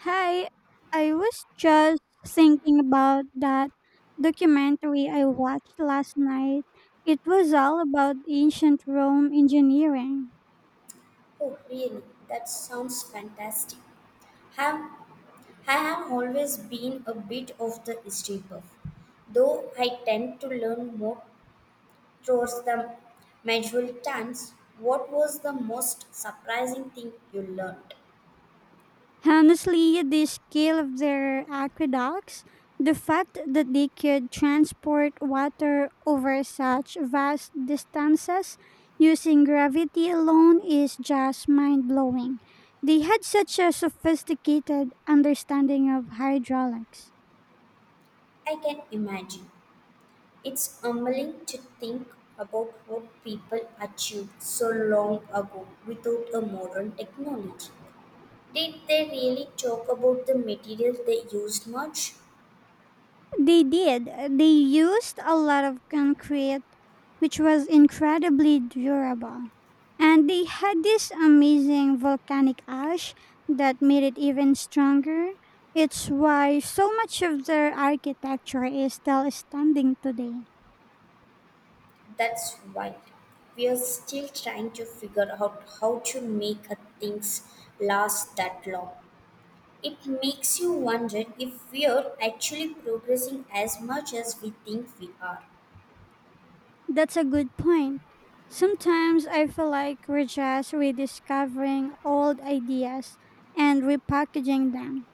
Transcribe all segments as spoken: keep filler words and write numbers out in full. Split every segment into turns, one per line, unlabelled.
Hi, I was just thinking about that documentary I watched last night. It was all about ancient Rome engineering.
Oh, really? That sounds fantastic. Have, I have always been a bit of the history buff, though I tend to learn more towards the medieval times. What was the most surprising thing you learned?
Honestly, the scale of their aqueducts, the fact that they could transport water over such vast distances using gravity alone is just mind blowing. They had such a sophisticated understanding of hydraulics.
I can imagine. It's humbling to think about what people achieved so long ago without a modern technology. Did they really talk about the material they used much?
They did. They used a lot of concrete, which was incredibly durable. And they had this amazing volcanic ash that made it even stronger. It's why so much of their architecture is still standing today.
That's right. We are still trying to figure out how to make a things last that long. It makes you wonder if we are actually progressing as much as we think we are.
That's a good point. Sometimes I feel like we're just rediscovering old ideas and repackaging them.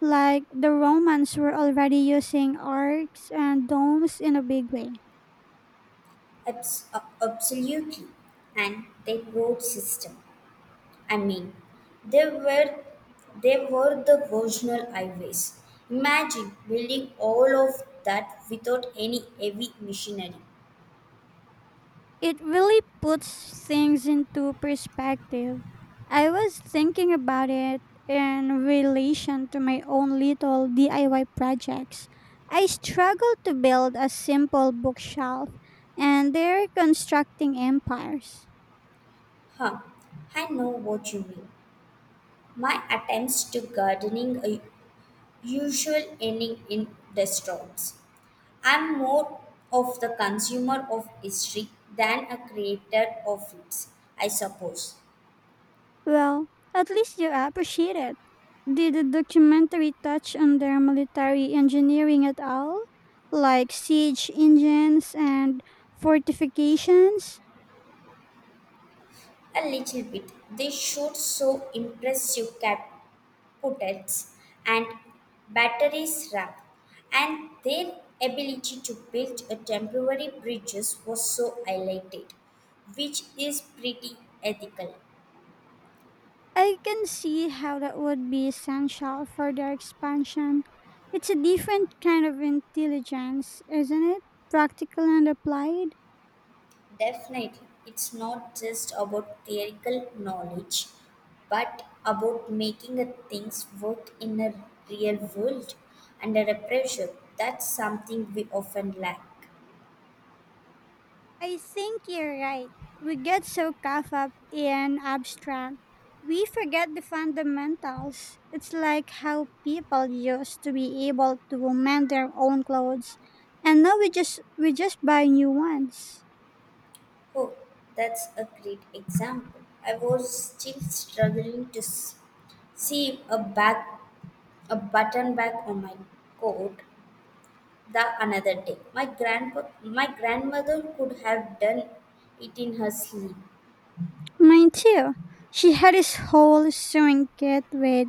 Like the Romans were already using arcs and domes in a big way.
Abs- uh, absolutely. And the road system. I mean, they were they were the original highways. Imagine building all of that without any heavy machinery.
It really puts things into perspective. I was thinking about it in relation to my own little D I Y projects. I struggle to build a simple bookshelf, and they're constructing empires.
Huh, I know what you mean. My attempts to gardening are usual ending in distraughts. I'm more of the consumer of history than a creator of it, I suppose.
Well, at least you appreciate it. Did the documentary touch on their military engineering at all? Like siege engines and fortifications?
A little bit. They shoot so impressive catapults and batteries rap, and their ability to build a temporary bridges was so highlighted, which is pretty ethical.
I can see how that would be essential for their expansion. It's a different kind of intelligence, isn't it? Practical and applied.
Definitely, it's not just about theoretical knowledge, but about making a things work in a real world under a pressure. That's something we often lack.
I think you're right. We get so caught up in abstract, we forget the fundamentals. It's like how people used to be able to mend their own clothes, and now we just we just buy new ones.
Oh, that's a great example. I was still struggling to s- see a back a button back on my coat the another day. My grandpa my grandmother could have done it in her sleep.
Mine too. She had this whole sewing kit with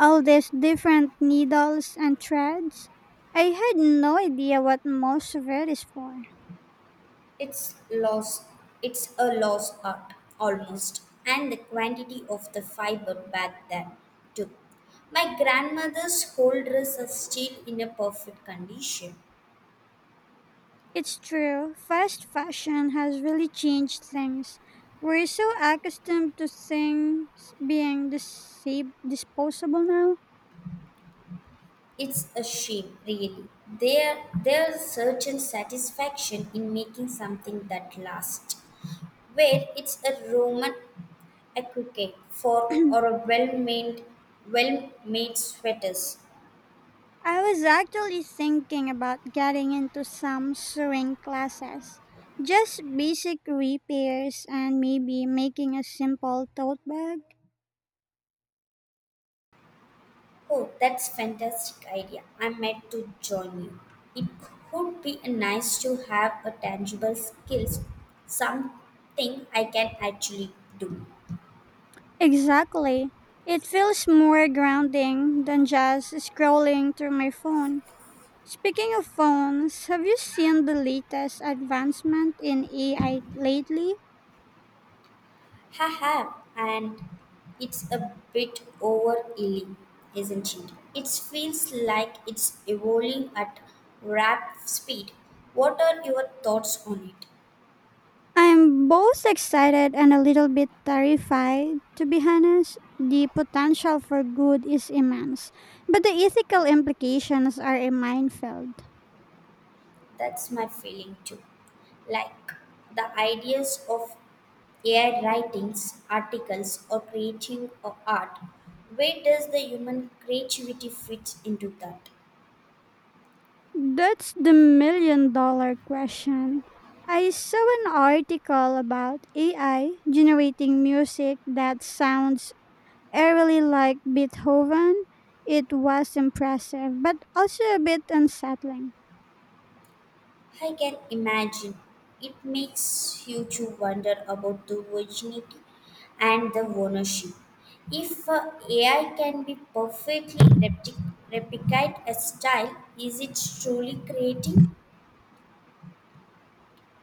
all these different needles and threads. I had no idea what most of it is for.
It's lost. It's a lost art almost, and the quantity of the fiber back then too. My grandmother's whole dress is still in a perfect condition.
It's true. Fast fashion has really changed things. We're so accustomed to things being dis- disposable now.
It's a shame, really. There, there's a certain satisfaction in making something that lasts, where it's a Roman a cricket for or a well-made well-made sweaters.
I was actually thinking about getting into some sewing classes. Just basic repairs and maybe making a simple tote bag.
Oh, that's fantastic idea. I meant to join you. It would be nice to have a tangible skills, something I can actually do.
Exactly. It feels more grounding than just scrolling through my phone. Speaking of phones, have you seen the latest advancement in A I lately?
Ha ha, and it's a bit overeating, isn't it? It feels like it's evolving at rapid speed. What are your thoughts on it?
I'm both excited and a little bit terrified, to be honest. The potential for good is immense, but the ethical implications are a minefield.
That's my feeling too. Like the ideas of A I writings, articles, or creating of art, where does the human creativity fit into that?
That's the million dollar question. I saw an article about A I generating music that sounds I really like Beethoven. It was impressive, but also a bit unsettling.
I can imagine it makes you to wonder about the virginity and the ownership. If uh, A I can be perfectly repti- replicate a style, is it truly creating?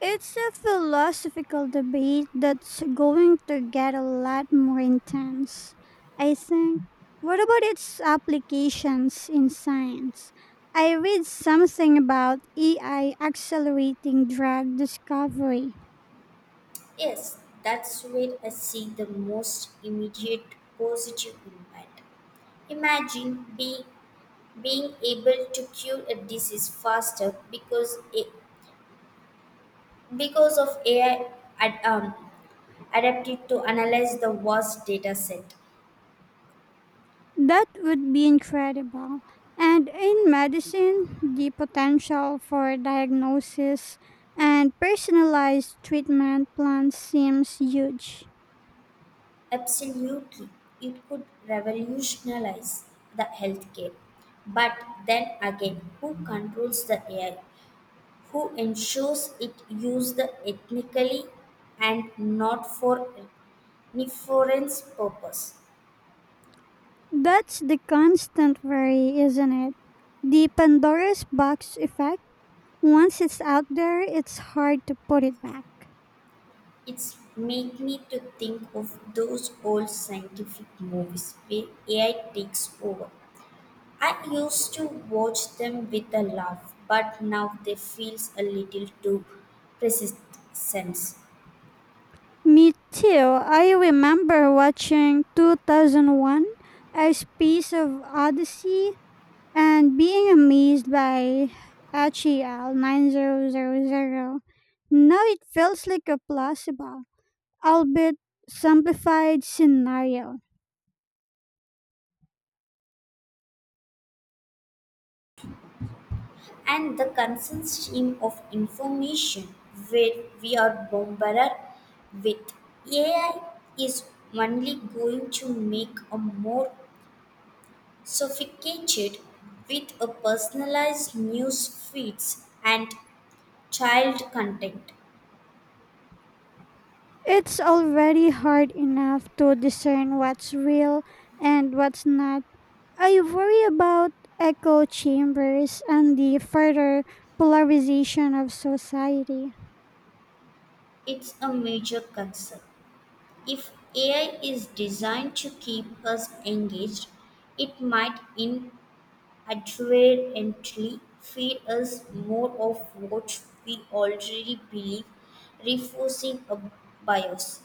It's a philosophical debate that's going to get a lot more intense, I think. What about its applications in science? I read something about A I accelerating drug discovery.
Yes, that's where I see the most immediate positive impact. Imagine be, being able to cure a disease faster because a, because of A I ad, um, adapted to analyze the vast data set.
That would be incredible. And in medicine, the potential for diagnosis and personalized treatment plans seems huge.
Absolutely, it could revolutionize the healthcare. But then again, who controls the A I? Who ensures it used ethnically and not for nefarious purpose.
That's the constant worry, isn't it? The Pandora's box effect. Once it's out there, it's hard to put it back.
It's make me to think of those old scientific movies where A I takes over. I used to watch them with a laugh, but now they feels a little too persistent.
Me too. I remember watching two thousand one A Space of Odyssey and being amazed by H E L nine thousand. Now it feels like a plausible, albeit simplified scenario.
And the constant stream of information where we are bombarded with A I is only going to make a more sophisticated with a personalized news feeds and child content.
It's already hard enough to discern what's real and what's not. I worry about echo chambers and the further polarization of society.
It's a major concern. If A I is designed to keep us engaged, it might in adherently feed us more of what we already believe, reinforcing a bias.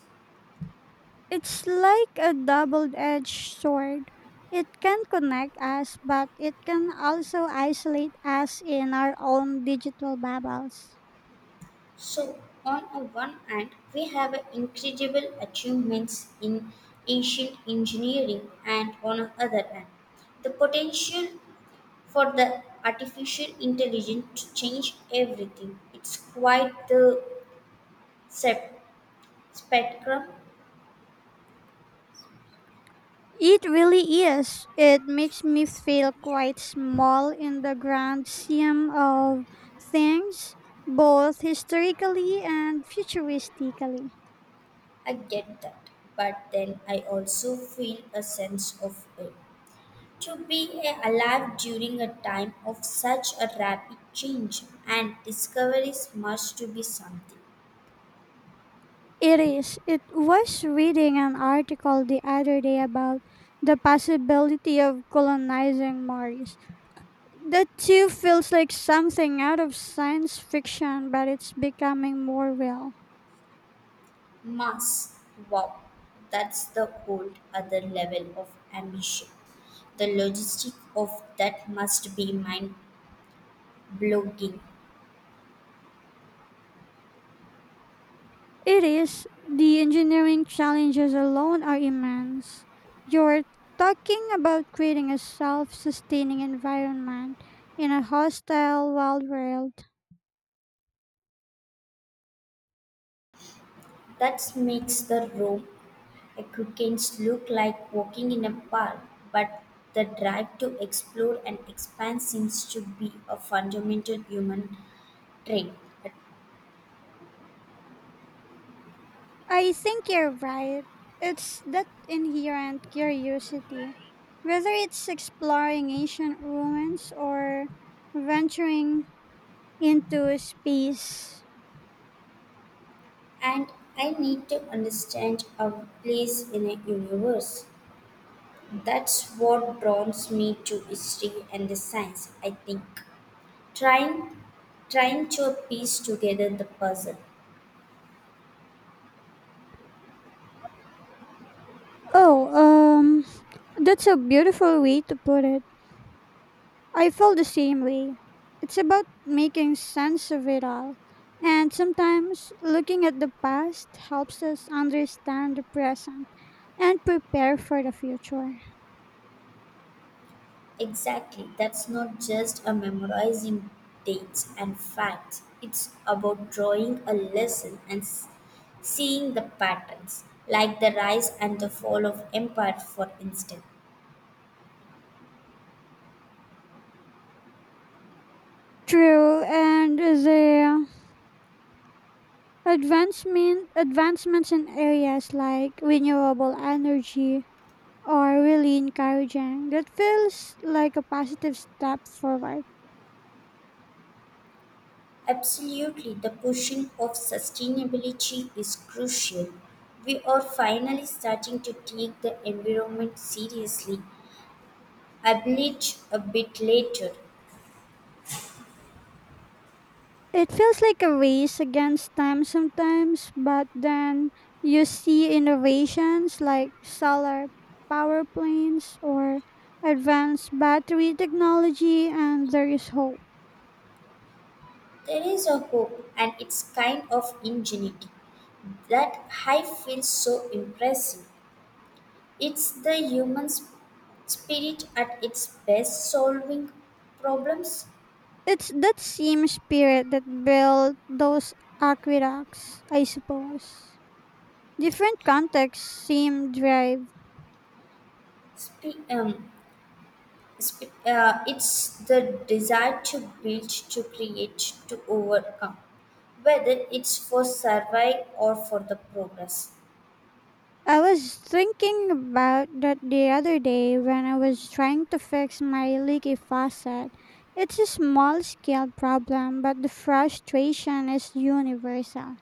It's like a double edged sword. It can connect us, but it can also isolate us in our own digital bubbles.
So, on a one hand, we have incredible achievements in ancient engineering, and on the other hand, the potential for the artificial intelligence to change everything. It's quite the sep- spectrum.
It really is. It makes me feel quite small in the grand scheme of things, both historically and futuristically.
I get that, but then I also feel a sense of it. To be a- alive during a time of such a rapid change and discoveries must to be something.
It is. It was reading an article the other day about the possibility of colonizing Mars. That too feels like something out of science fiction, but it's becoming more real.
Must. Wow, that's the whole other level of ambition. The logistic of that must be mind blowing.
It is. The engineering challenges alone are immense. You're talking about creating a self sustaining environment in a hostile wild world.
That makes the Rome aqueducts look like walking in a park, but the drive to explore and expand seems to be a fundamental human trait.
I think you're right. It's that inherent curiosity. Whether it's exploring ancient ruins or venturing into space.
And I need to understand a place in a universe. That's what draws me to history and the science, I think. Trying trying to piece together the puzzle.
Oh, um, that's a beautiful way to put it. I felt the same way. It's about making sense of it all. And sometimes looking at the past helps us understand the present and prepare for the future.
Exactly. That's not just a memorizing dates and facts. It's about drawing a lesson and s- seeing the patterns, like the rise and the fall of empire, for instance.
True, and the advancement advancements in areas like renewable energy are really encouraging. That feels like a positive step forward.
Absolutely, the pushing of sustainability is crucial. We are finally starting to take the environment seriously, albeit a bit later.
It feels like a race against time sometimes, but then you see innovations like solar power plants or advanced battery technology, and there is hope.
There is a hope, and it's kind of ingenuity that I feels so impressive. It's the human sp- spirit at its best solving problems.
It's that same spirit that built those aqueducts, I suppose. Different contexts, same drive.
Spe- um, sp- uh, it's the desire to build, to create, to overcome, whether it's for survive or for the progress.
I was thinking about that the other day when I was trying to fix my leaky faucet. It's a small scale problem, but the frustration is universal.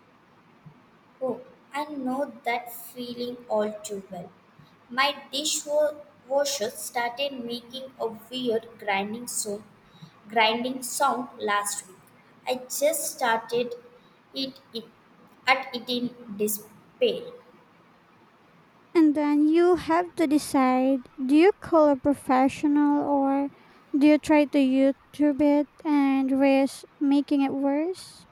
Oh, I know that feeling all too well. My dishwasher started making a weird grinding so grinding sound last week. I just started it, it at it in despair.
And then you have to decide, do you call a professional or do you try to YouTube it and risk making it worse?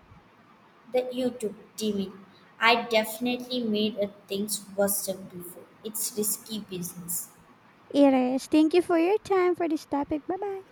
The YouTube demon. I definitely made a things worse than before. It's risky business.
It is. Thank you for your time for this topic. Bye bye.